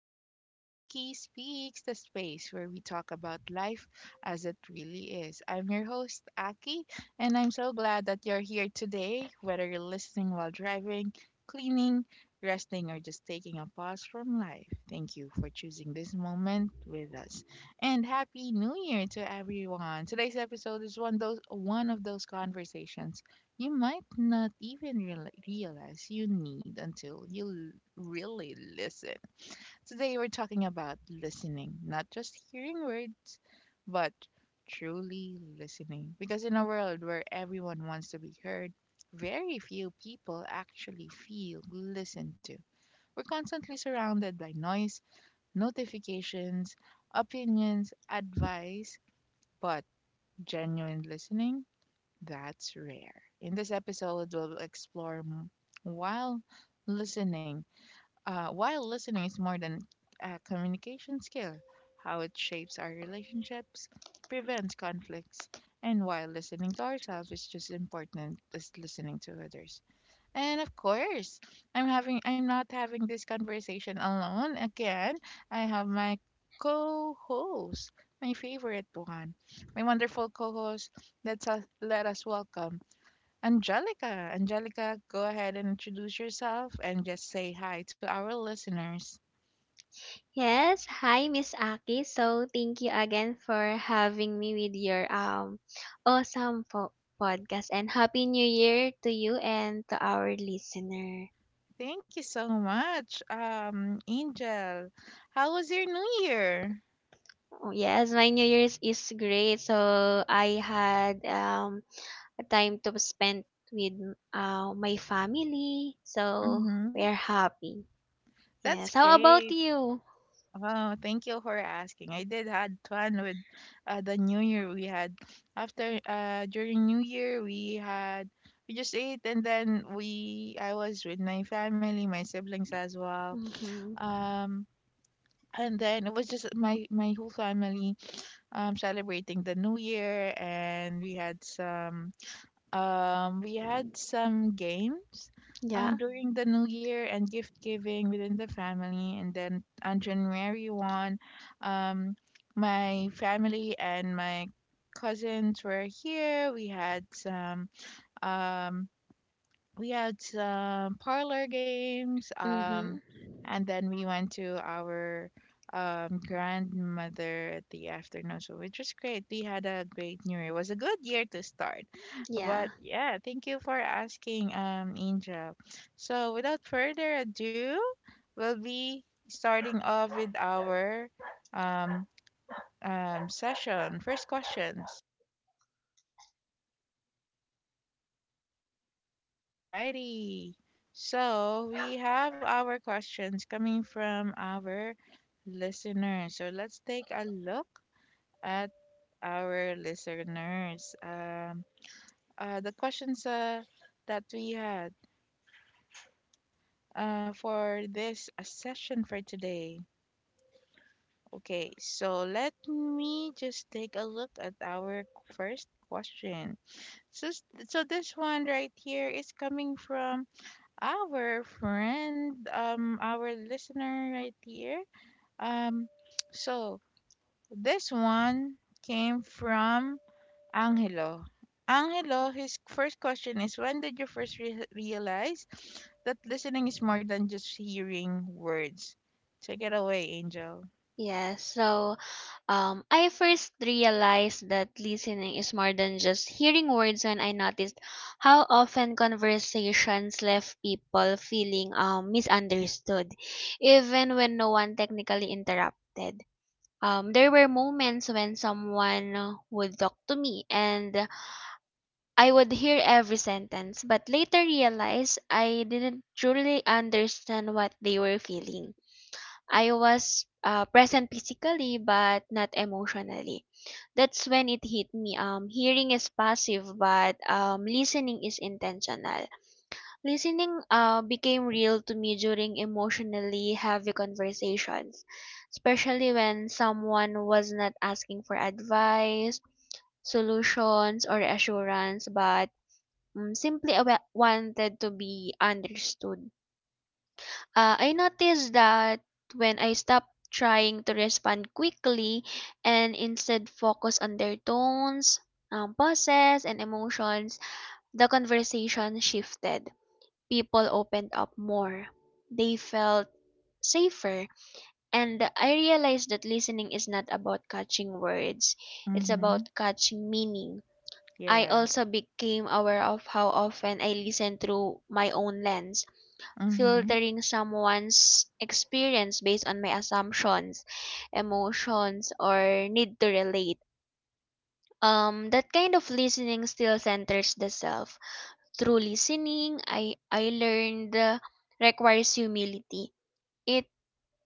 to Aki Speaks, the space where we talk about life as it really is. I'm your host, Aki, and I'm so glad that you're here today, whether you're listening while driving, cleaning, resting, or just taking a pause from life. Thank you for choosing this moment with us. And Happy New Year to everyone. Today's episode is one of those conversations you might not even realize you need until you l- really listen. Today, we're talking about listening, not just hearing words, but truly listening. Because in a world where everyone wants to be heard, very few people actually feel listened to. We're constantly surrounded by noise, notifications, opinions, advice, but genuine listening, that's rare. In this episode, we'll explore m- while listening. While listening is more than a communication skill, how it shapes our relationships, prevents conflicts, and while listening to ourselves is just as important as listening to others. And of course, I'm not having this conversation alone. Again, I have my co-host, my favorite one, my wonderful co-host. Let us welcome Angelica. Angelica, go ahead and introduce yourself and just say hi to our listeners. Yes, hi Miss Aki. So thank you again for having me with your awesome podcast and happy new year to you and to our listener. Thank you so much, Angel. How was your New Year? Oh, yes, my new year's is great. So I had a time to spend with my family. So Mm-hmm. we're happy. That's Yes. How about great. you? Wow, thank you for asking. I did had fun with the New Year we had. After during New Year, we just ate, and then we I was with my family, my siblings as well. Mhm. Um and then it was just my whole family celebrating the New Year, and we had some, we had some games, Yeah. during the New Year, and gift giving within the family. And then on January 1st, um, my family and my cousins were here. We had some. Um, we had some parlor games, Mhm. and then we went to our grandmother at the afternoon, so which was great. We had a great new year. It was a good year to start. Yeah. But yeah, thank you for asking, Angel. So without further ado, we'll be starting off with our um session, first questions. Alrighty. So we have our questions coming from our listeners. So let's take a look at our listeners. The questions that we had for this session for today. Okay, so let me just take a look at our first question. So, s- so this one right here is coming from our friend, our listener right here. Um, so this one came from Angelo. Angelo, his first question is, when did you first realize that listening is more than just hearing words? Take it away, Angel. Yes. So I first realized that listening is more than just hearing words when I noticed how often conversations left people feeling misunderstood, even when no one technically interrupted. There were moments when someone would talk to me and I would hear every sentence, but later realized I didn't truly understand what they were feeling. I was present physically but not emotionally. That's when it hit me. Hearing is passive, but listening is intentional. Listening became real to me during emotionally heavy conversations, especially when someone was not asking for advice, solutions, or assurance, but simply wanted to be understood. I noticed that when I stopped trying to respond quickly and instead focus on their tones, pauses, and emotions, the conversation shifted. People opened up more. They felt safer. And I realized that listening is not about catching words, it's Mm-hmm. about catching meaning. I Yeah. also became aware of how often I listen through my own lens, Mm-hmm. filtering someone's experience based on my assumptions, emotions, or need to relate. That kind of listening still centers the self. Through listening, I learned requires humility. It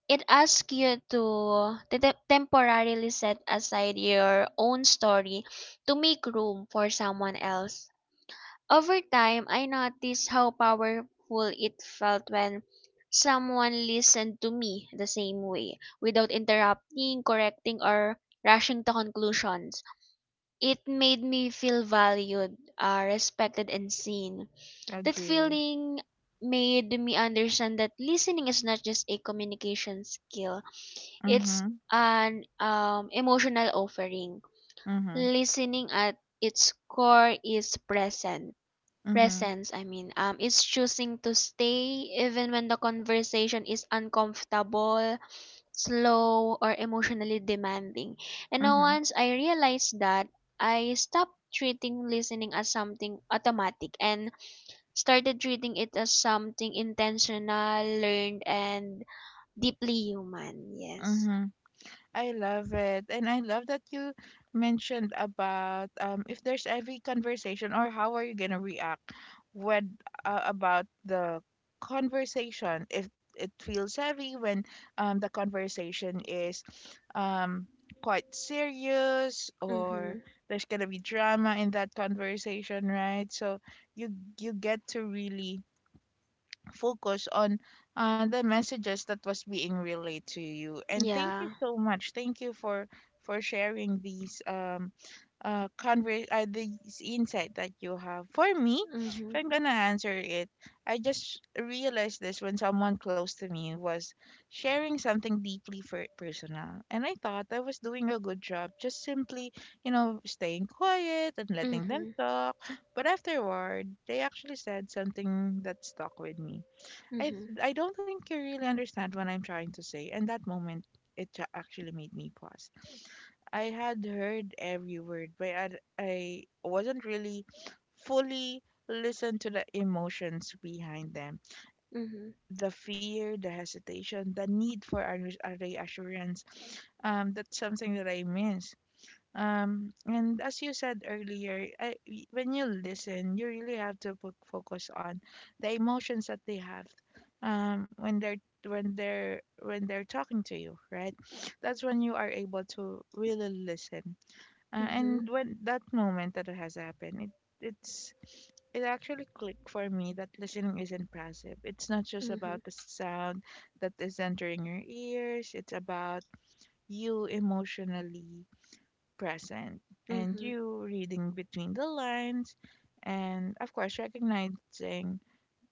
it asks you to temporarily set aside your own story to make room for someone else. Over time, I noticed how powerful it felt when someone listened to me the same way, without interrupting, correcting, or rushing to conclusions. It made me feel valued, respected, and seen. That Agree. feeling made me understand that listening is not just a communication skill, it's Mm-hmm. an emotional offering. Mm-hmm. Listening at its core is present Mm-hmm. Presence, I mean, it's choosing to stay even when the conversation is uncomfortable, slow, or emotionally demanding. And now once I realized that, I stopped treating listening as something automatic and started treating it as something intentional, learned, and deeply human. Yes. Mm-hmm. I love it. And I love that you mentioned about, if there's every conversation, or how are you going to react when, about the conversation, if it feels heavy, when the conversation is um, quite serious, or Mm-hmm. there's going to be drama in that conversation, right? So you you get to really focus on the messages that was being relayed to you. And thank you Yeah. so much. Thank you for sharing these these insight that you have. For me, if Mm-hmm. I'm gonna answer it, I just realized this when someone close to me was sharing something deeply for personal, and I thought I was doing a good job just simply, you know, staying quiet and letting them Mm-hmm. talk. But afterward, they actually said something that stuck with me. I Mm-hmm. I don't think you really understand what I'm trying to say. And that moment, it actually made me pause. I had heard every word, but I wasn't really fully listened to the emotions behind them. Mm-hmm. The fear, the hesitation, the need for a reassurance. That's something that I miss. And as you said earlier, when you listen, you really have to focus on the emotions that they have when they're when they're talking to you, right? That's when you are able to really listen. Mm-hmm. And when that moment that has happened, it it actually clicked for me that listening isn't passive. It's not just Mm-hmm. about the sound that is entering your ears. It's about you emotionally present, and Mm-hmm. you reading between the lines, and of course recognizing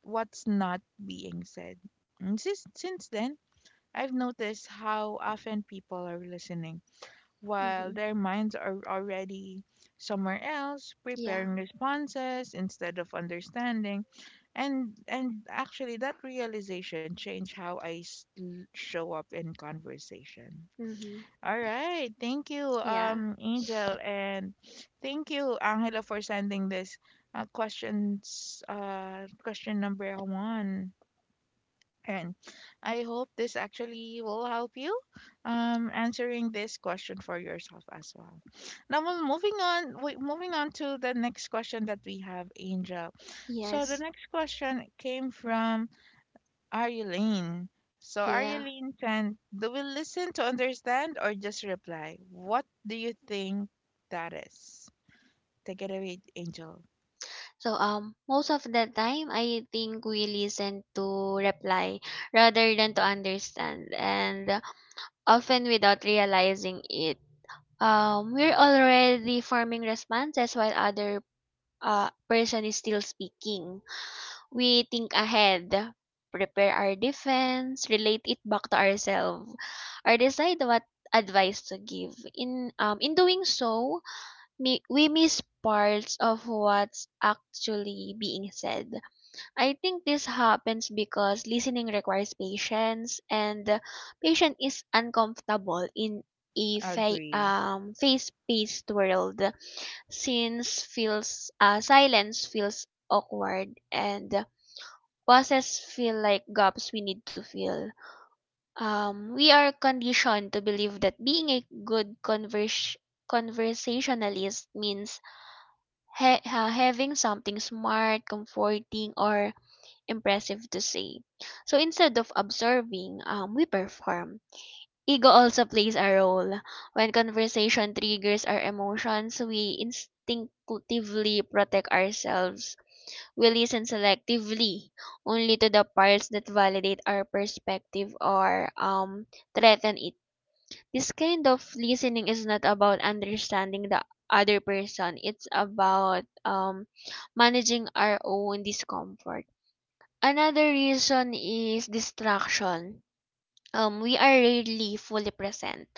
what's not being said. And since then, I've noticed how often people are listening while Mm-hmm. their minds are already somewhere else, Yeah. preparing responses instead of understanding. And actually, that realization changed how show up in conversation. Mm-hmm. All right. Thank you, Yeah. Angel, and thank you, Angela, for sending this questions. Question number one, and I hope this actually will help you, answering this question for yourself as well. Now, well, moving on. Wait, Moving on to the next question that we have, Angel. So the Yes. next question came from Arylene. So, Yeah. Arylene, can, do we listen to understand or just reply? What do you think that is? Take it away, Angel. So most of the time I think we listen to reply rather than to understand, and often without realizing it. We're already forming responses while other person is still speaking. We think ahead, prepare our defense, relate it back to ourselves, or decide what advice to give. In doing so, we miss parts of what's actually being said. I think this happens because listening requires patience, and the patient is uncomfortable in a Agree. Face-paced world, since feels silence feels awkward and pauses feel like gaps we need to fill. We are conditioned to believe that being a good conversationalist means having something smart, comforting, or impressive to say. So instead of observing, we perform. Ego also plays a role. When conversation triggers our emotions, we instinctively protect ourselves. We listen selectively, only to the parts that validate our perspective or threaten it. This kind of listening is not about understanding the other person. It's about managing our own discomfort. Another reason is distraction. We are rarely fully present.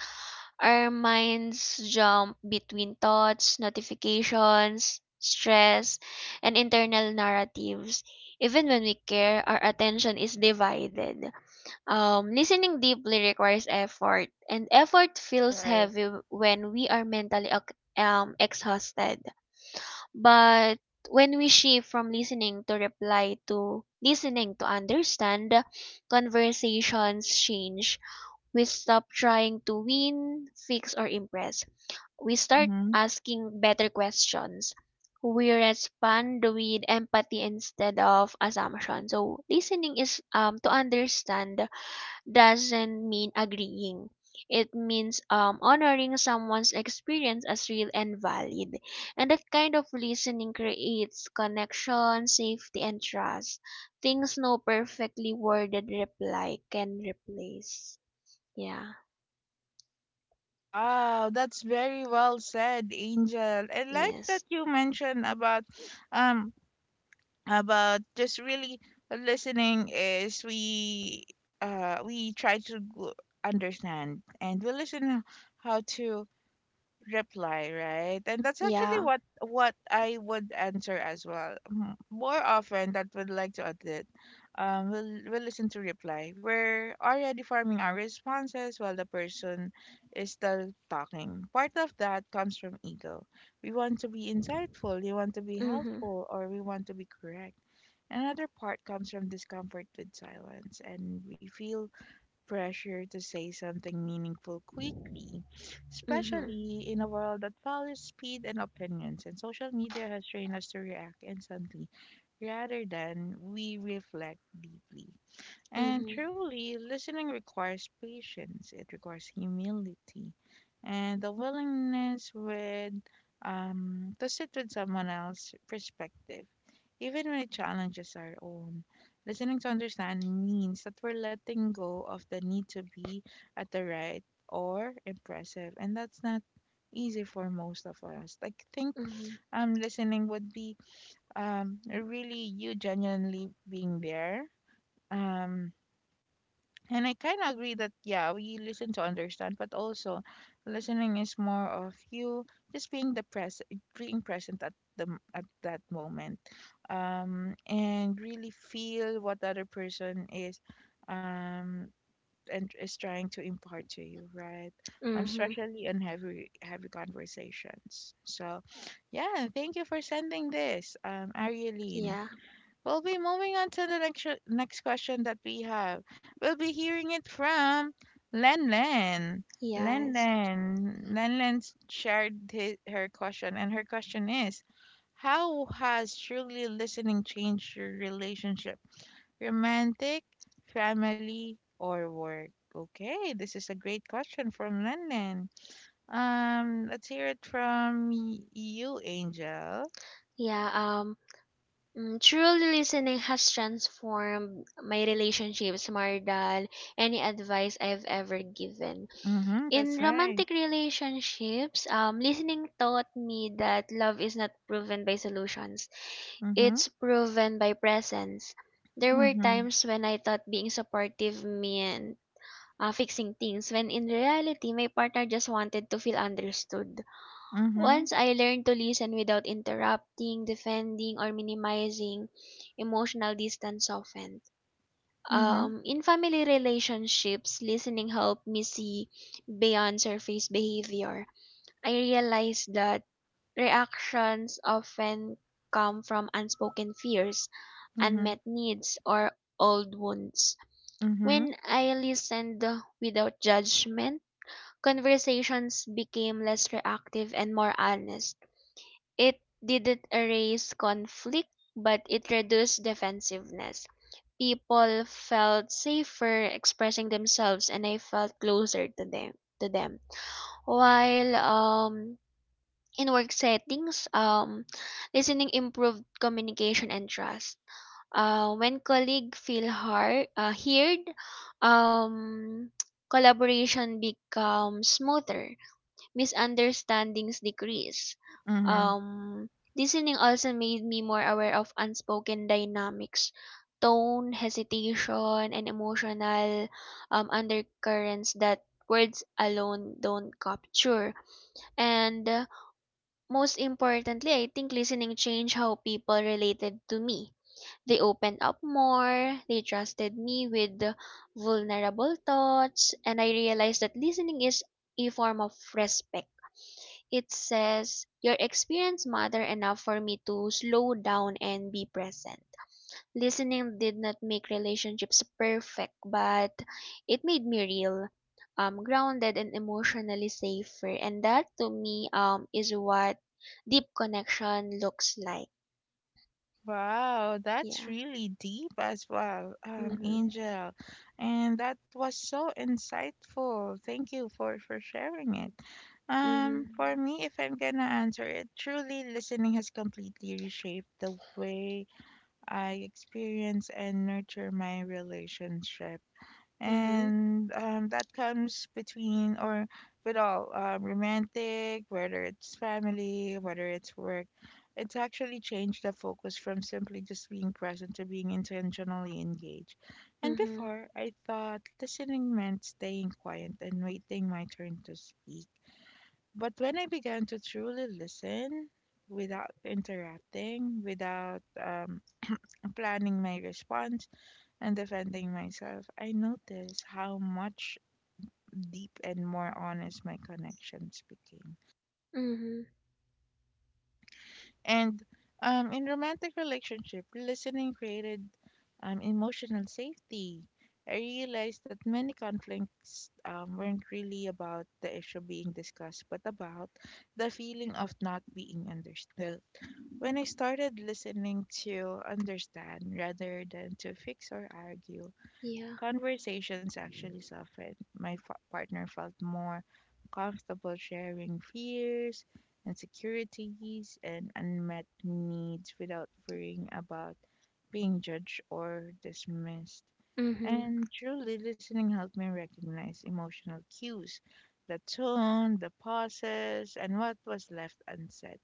Our minds jump between thoughts, notifications, stress, and internal narratives. Even when we care, our attention is divided. Listening deeply requires effort, and effort feels Right. heavy when we are mentally exhausted. But when we shift from listening to reply to listening to understand, conversations change. We stop trying to win, fix, or impress. We start Mm-hmm. asking better questions. We respond with empathy instead of assumption. So listening is to understand doesn't mean agreeing. It means honoring someone's experience as real and valid. And that kind of listening creates connection, safety, and trust. Things no perfectly worded reply can replace. Yeah. Wow, that's very well said, Angel. I like that Yes. you mentioned about, um about just really listening. Is we uh we try to understand, and we listen how to reply, right? And that's actually Yeah. what I would answer as well. Mm, more often that would like to admit, we'll listen to reply. We're already forming our responses while the person is still talking. Part of that comes from ego. We want to be insightful, we want to be Mm-hmm. helpful, or we want to be correct. Another part comes from discomfort with silence, and we feel pressure to say something meaningful quickly, Mm-hmm. especially in a world that values speed and opinions. And social media has trained us to react instantly rather than we reflect deeply. And Mm-hmm. truly, listening requires patience, it requires humility, and the willingness with, to sit with someone else's perspective, even when it challenges our own. Listening to understand means that we're letting go of the need to be at the right or impressive, and that's not easy for most of us. I think, Mm-hmm. Listening would be, really you genuinely being there. Um, and I kind of agree that, yeah, we listen to understand, but also listening is more of you just being the present, being present at at that moment, and really feel what the other person is, um, and is trying to impart to you, right? Mm-hmm. Especially in heavy heavy conversations. So yeah, thank you for sending this, Arialine. Yeah. We'll be moving on to the next question that we have. We'll be hearing it from Len Len. Len Yes. Len. Len Len shared her question, and her question is, how has truly listening changed your relationship? Romantic, family, or work? Okay, this is a great question from Len Len. Let's hear it from you, Angel. Yeah. Truly listening has transformed my relationships more than any advice I've ever given. Mm-hmm, that's In right. romantic relationships, listening taught me that love is not proven by solutions, Mm-hmm, it's proven by presence. There were mm-hmm, times when I thought being supportive meant fixing things, when in reality, my partner just wanted to feel understood. mm-hmm. Once I learned to listen without interrupting, defending, or minimizing, emotional distance softened. Mhm. In family relationships, listening helped me see beyond surface behavior. I realized that reactions often come from unspoken fears, Mhm. unmet needs, or old wounds. Mhm. When I listened without judgment, conversations became less reactive and more honest. It didn't erase conflict, but it reduced defensiveness. People felt safer expressing themselves and I felt closer to them. While in work settings, listening improved communication and trust. When colleagues heard, um collaboration becomes smoother, misunderstandings decrease. Mhm. Um, Listening also made me more aware of unspoken dynamics, tone, hesitation, and emotional undercurrents that words alone don't capture. And Most importantly, I think listening changed how people related to me. They opened up more, they trusted me with the vulnerable thoughts, and I realized that listening is a form of respect. It says, your experience matter enough for me to slow down and be present. Listening did not make relationships perfect, but it made me real, grounded, and emotionally safer. And that to me is what deep connection looks like. Wow, that's Yeah. really deep as well, Mm-hmm. Angel. And that was so insightful. Thank you for sharing it. Mm-hmm. For me, if I'm gonna answer it, truly listening has completely reshaped the way I experience and nurture my relationship. Mm-hmm. And that comes between or with all, romantic, whether it's family, whether it's work, it's actually changed the focus from simply just being present to being intentionally engaged. And Mhm. before, I thought listening meant staying quiet and waiting my turn to speak. But when I began to truly listen, without interrupting, without, planning my response and defending myself, I noticed how much deep and more honest my connections became. Mhm. And in romantic relationship, listening created, emotional safety. I realized that many conflicts weren't really about the issue being discussed, but about the feeling of not being understood. When I started listening to understand rather than to fix or argue, Yeah. conversations actually suffered. My partner felt more comfortable sharing fears, insecurities, and unmet needs without worrying about being judged or dismissed. Mhm. And truly, listening helped me recognize emotional cues, the tone, the pauses, and what was left unsaid.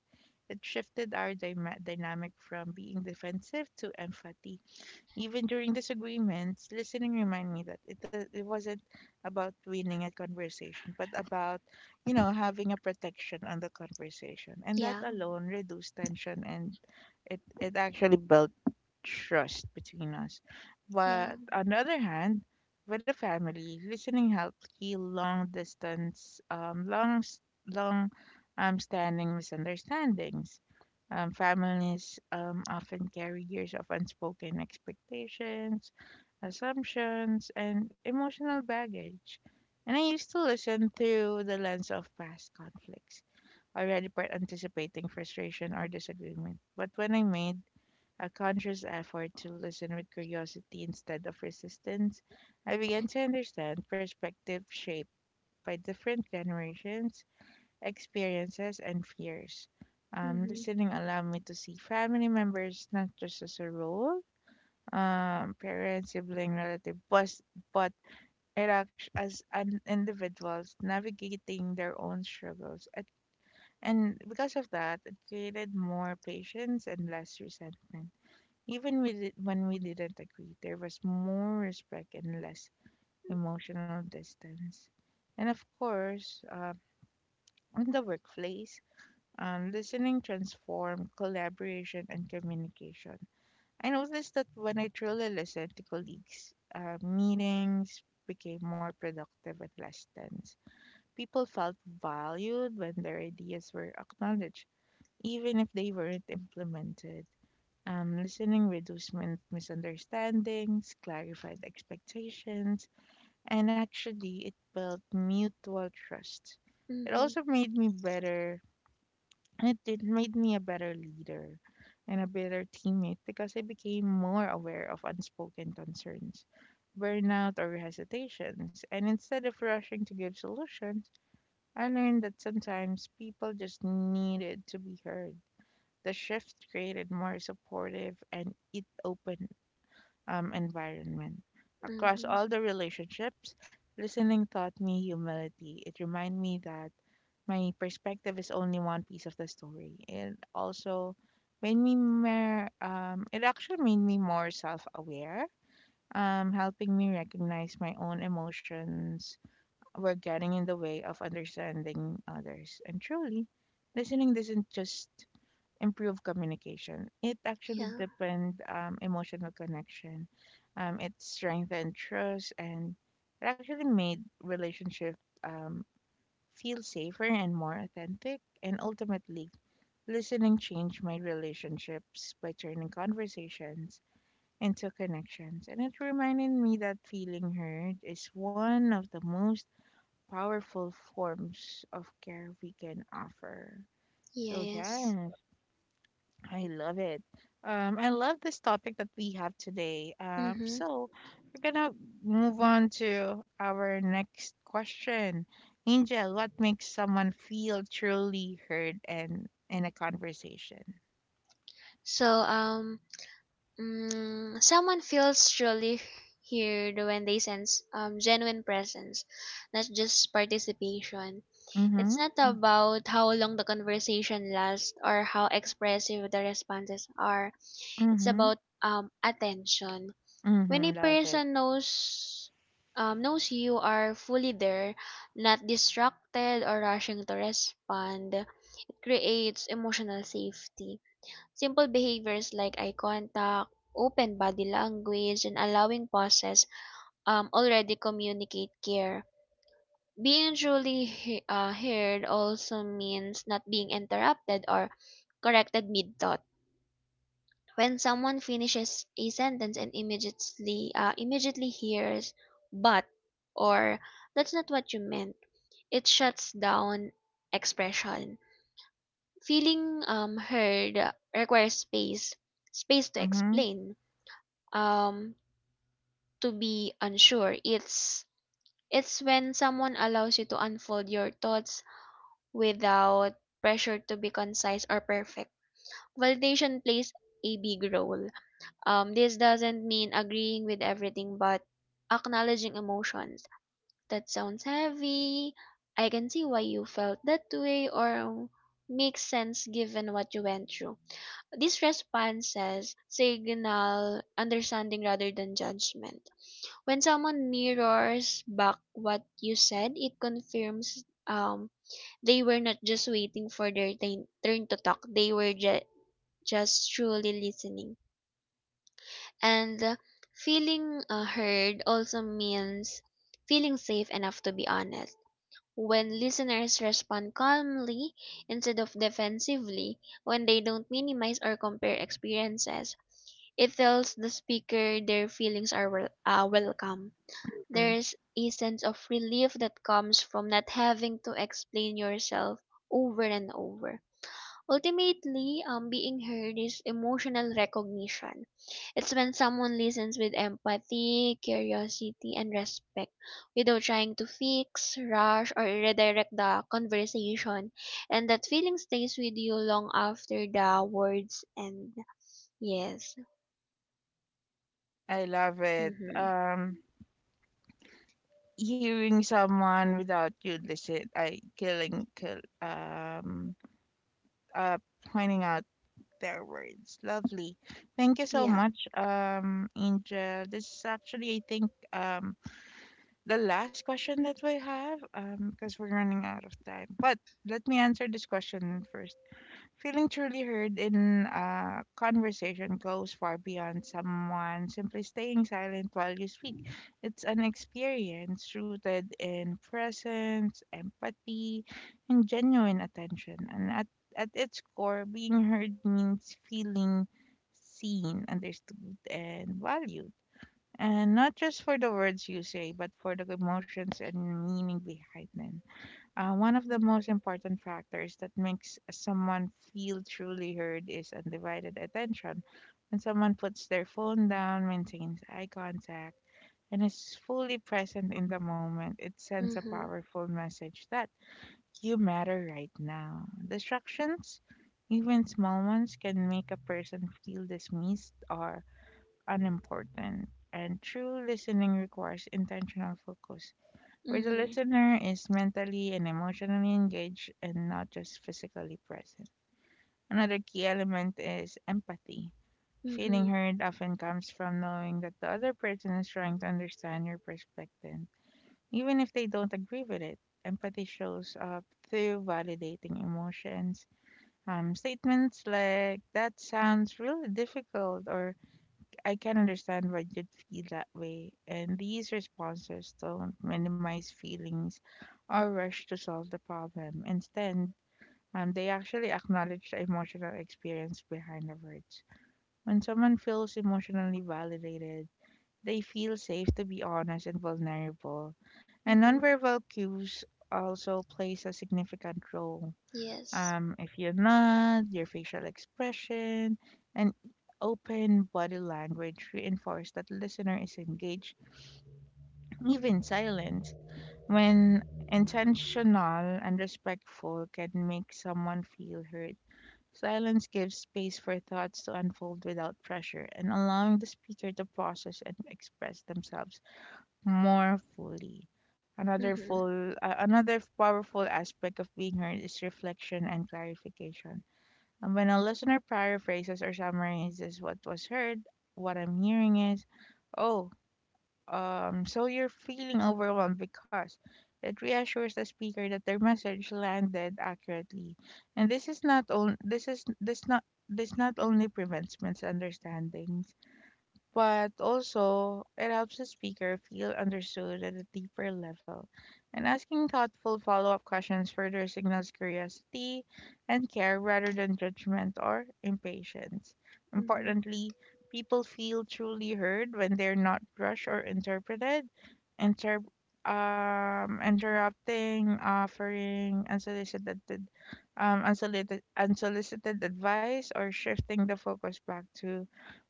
It shifted our dynamic from being defensive to empathy. Even during disagreements, listening reminded me that it wasn't about winning a conversation, but about, you know, having a protection on the conversation. And that Yeah. alone reduced tension, and it actually built trust between us. But Yeah. on the other hand, with a family, listening helped heal long distance, long, s- long, standing misunderstandings. Families often carry years of unspoken expectations, assumptions, and emotional baggage. And I used to listen through the lens of past conflicts, already part anticipating frustration or disagreement. But when I made a conscious effort to listen with curiosity instead of resistance, I began to understand perspective shaped by different generations experiences, and fears. Mhm. Listening allowed me to see family members not just as a role, parent, sibling, relative, but as an individuals navigating their own struggles. And because of that, it created more patience and less resentment. Even when we didn't agree, there was more respect and less emotional distance. And of course, in the workplace, listening transform collaboration and communication. I noticed that when I truly listened to colleagues, meetings became more productive at less tense. People felt valued when their ideas were acknowledged, even if they weren't implemented. Listening reduced misunderstandings, clarified expectations, and actually it built mutual trust. It Mhm. also made me better and it made me a better leader and a better teammate because I became more aware of unspoken concerns, burnout, or hesitations. And instead of rushing to give solutions, I learned that sometimes people just needed to be heard. The shift created more supportive and it open environment. Across Mhm. all the relationships, listening taught me humility. It reminded me that my perspective is only one piece of the story. It also made me it actually made me more self aware, helping me recognize my own emotions were getting in the way of understanding others. And truly, listening doesn't just improve communication, it actually Yeah. depends emotional connection. It strengthened trust and it actually made relationship um, feel safer and more authentic, and ultimately, listening changed my relationships by turning conversations into connections. And it reminded me that feeling heard is one of the most powerful forms of care we can offer. So, Yes. yeah, I love it. I love this topic that we have today. Um, Mhm. so we're gonna move on to our next question. Angel, what makes someone feel truly heard and in a conversation? So someone feels truly heard when they sense genuine presence, not just participation. It's Mm-hmm. not about how long the conversation lasts or how expressive the responses are. It's Mm-hmm. about attention. When Mm-hmm. a Love it. person knows you are fully there, not distracted or rushing to respond, it creates emotional safety. Simple behaviors like eye contact, open body language, and allowing pauses already communicate care. Being truly heard also means not being interrupted or corrected mid thought. When someone finishes a sentence and immediately hears "but" or "that's not what you meant," it shuts down expression. Feeling heard requires space, space to Mm-hmm. explain, um, to be unsure. It's when someone allows you to unfold your thoughts without pressure to be concise or perfect. Validation plays a big role. This doesn't mean agreeing with everything, but acknowledging emotions. That sounds heavy. I can see why you felt that way, or makes sense given what you went through. These responses signal understanding rather than judgment. When someone mirrors back what you said, it confirms they were not just waiting for their turn to talk, they were just truly listening. And Feeling heard also means feeling safe enough to be honest. When listeners respond calmly instead of defensively, when they don't minimize or compare experiences, it tells the speaker their feelings are welcome. Mm, There's a sense of relief that comes from not having to explain yourself over and over. Ultimately, being heard is emotional recognition. It's when someone listens with empathy, curiosity, and respect without trying to fix, rush, or redirect the conversation. And that feeling stays with you long after the words end. Yes. I love it. Mm-hmm. Hearing someone without you listen, I uh, pointing out their words. Lovely. Thank you so Yeah. much, Angel. This is actually, I think, the last question that we have, because we're running out of time. But let me answer this question first. Feeling truly heard in a conversation goes far beyond someone simply staying silent while you speak. It's an experience rooted in presence, empathy, and genuine attention. And at its core, being heard means feeling seen, understood, and valued. And not just for the words you say, but for the emotions and meaning behind them. One of the most important factors that makes someone feel truly heard is undivided attention. When someone puts their phone down, maintains eye contact, and is fully present in the moment, it sends a Mm-hmm. powerful message that you matter right now. Distractions, even small ones, can make a person feel dismissed or unimportant. And true listening requires intentional focus where the Mm-hmm. listener is mentally and emotionally engaged and not just physically present. Another key element is empathy. Feeling Mm-hmm. heard often comes from knowing that the other person is trying to understand your perspective, even if they don't agree with it. Empathy shows up through validating emotions. Statements like, that sounds really difficult, or I can understand why you'd feel that way, and these responses don't minimize feelings or rush to solve the problem. Instead, they actually acknowledge the emotional experience behind the words. When someone feels emotionally validated, they feel safe to be honest and vulnerable, and Mm-hmm. nonverbal cues also plays a significant role. Yes. If you're not, Your facial expression and open body language reinforce that listener is engaged, even silence, when intentional and respectful can make someone feel heard. Silence gives space for thoughts to unfold without pressure and allowing the speaker to process and express themselves more fully. Mm-hmm. Another powerful aspect of being heard is reflection and clarification and when a listener paraphrases or summarizes what was heard, what I'm hearing is, oh, so you're feeling overwhelmed because it reassures the speaker that their message landed accurately. And this is not only this is this not only prevents misunderstandings but also it helps the speaker feel understood at a deeper level. And asking thoughtful follow up questions further signals curiosity and care rather than judgment or impatience. Mm-hmm. Importantly, people feel truly heard when they're not rushed or interpreted, inter- interrupting, offering unsolicited advice, or shifting the focus back to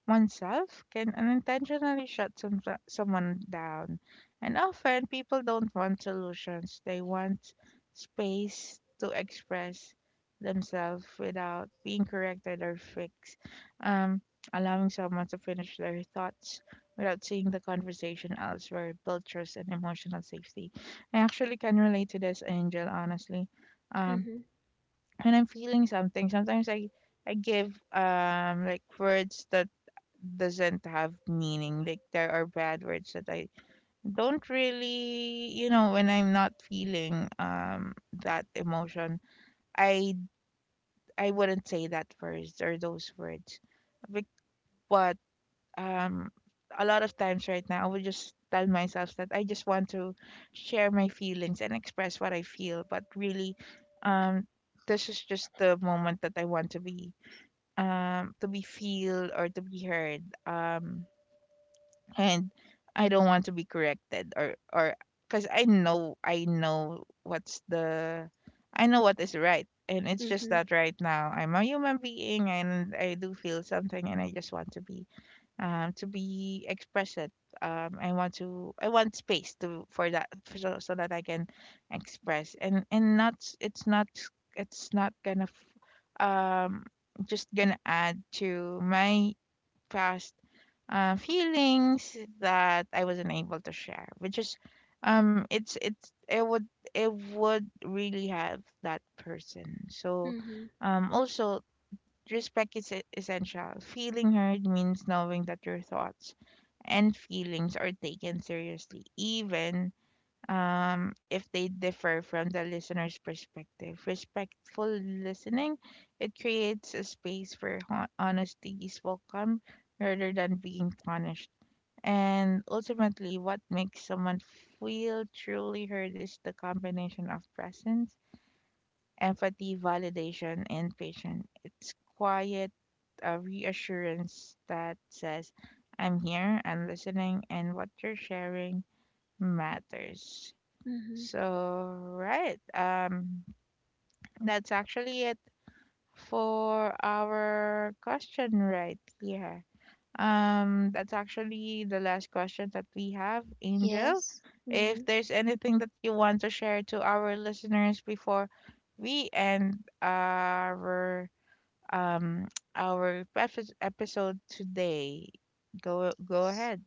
oneself can unintentionally shut someone down. And often people don't want solutions, they want space to express themselves without being corrected or fixed. Um, Allowing someone to finish their thoughts without seeing the conversation elsewhere builds trust and emotional safety. I actually can relate to this, Angel, honestly. Um, Mm-hmm. when I'm feeling something, sometimes I give like words that doesn't have meaning. Like there are bad words that I don't really, you know, when I'm not feeling that emotion, I I wouldn't say that first or those words. But, but um a lot of times right now I would just tell myself that I just want to share my feelings and express what I feel, but really um this is just the moment that I want to be feel or to be heard and I don't want to be corrected or because I know what's the I know what is right and it's just Mm-hmm. that right now I'm a human being and I do feel something and I just want to be expressed. I want space to for that, so that I can express and not, it's not, it's not gonna, just gonna add to my past feelings that I wasn't able to share, which is, it's it would really help that person. So, Mm-hmm. Also respect is essential. Feeling heard means knowing that your thoughts and feelings are taken seriously, even if they differ from the listener's perspective. Respectful listening it creates a space where honesty is welcome rather than being punished. And ultimately, what makes someone feel truly heard is the combination of presence, empathy, validation, and patience. It's quiet a reassurance that says, I'm here, I'm listening, and what you're sharing matters. Mm-hmm. So, right, that's actually it for our question right here. That's actually the last question that we have, Angel. Yes. If Mm-hmm. there's anything that you want to share to our listeners before we end um our preface episode today. Go ahead.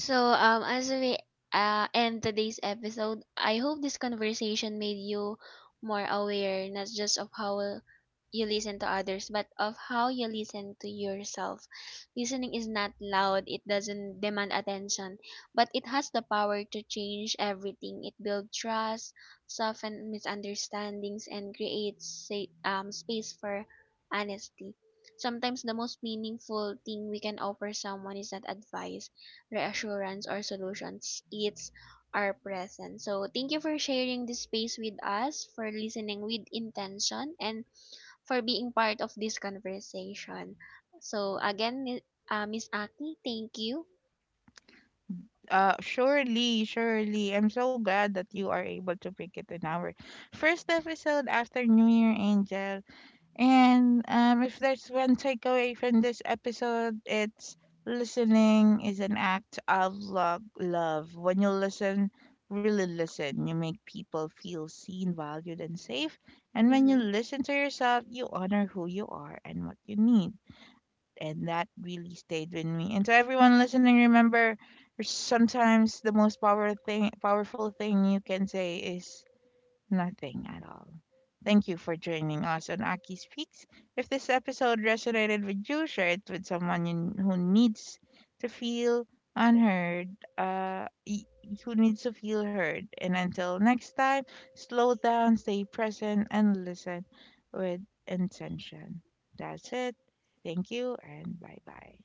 So, as we end today's episode, I hope this conversation made you more aware, not just of how you listen to others, but of how you listen to yourself. Listening is not loud, it doesn't demand attention, but it has the power to change everything. It builds trust, soften misunderstandings, and creates space for honesty. Sometimes the most meaningful thing we can offer someone is not advice, reassurance, or solutions, it's our present. So thank you for sharing this space with us, for listening with intention, and for being part of this conversation. So again, miss aki, thank you. Surely, surely. I'm so glad that you are able to pick it in our first episode after New Year Angel. And if there's one takeaway from this episode, it's listening is an act of love. When you listen, really listen, you make people feel seen, valued and safe. And when you Hmm. listen to yourself, you honor who you are and what you need. And that really stayed with me. And to everyone listening, remember sometimes the most powerful thing you can say is nothing at all. Thank you for joining us on Aki Speaks. If this episode resonated with you, share it with who needs to feel unheard, uh, y- who needs to feel heard. And until next time, slow down, stay present, and listen with intention. That's it. Thank you, and bye bye.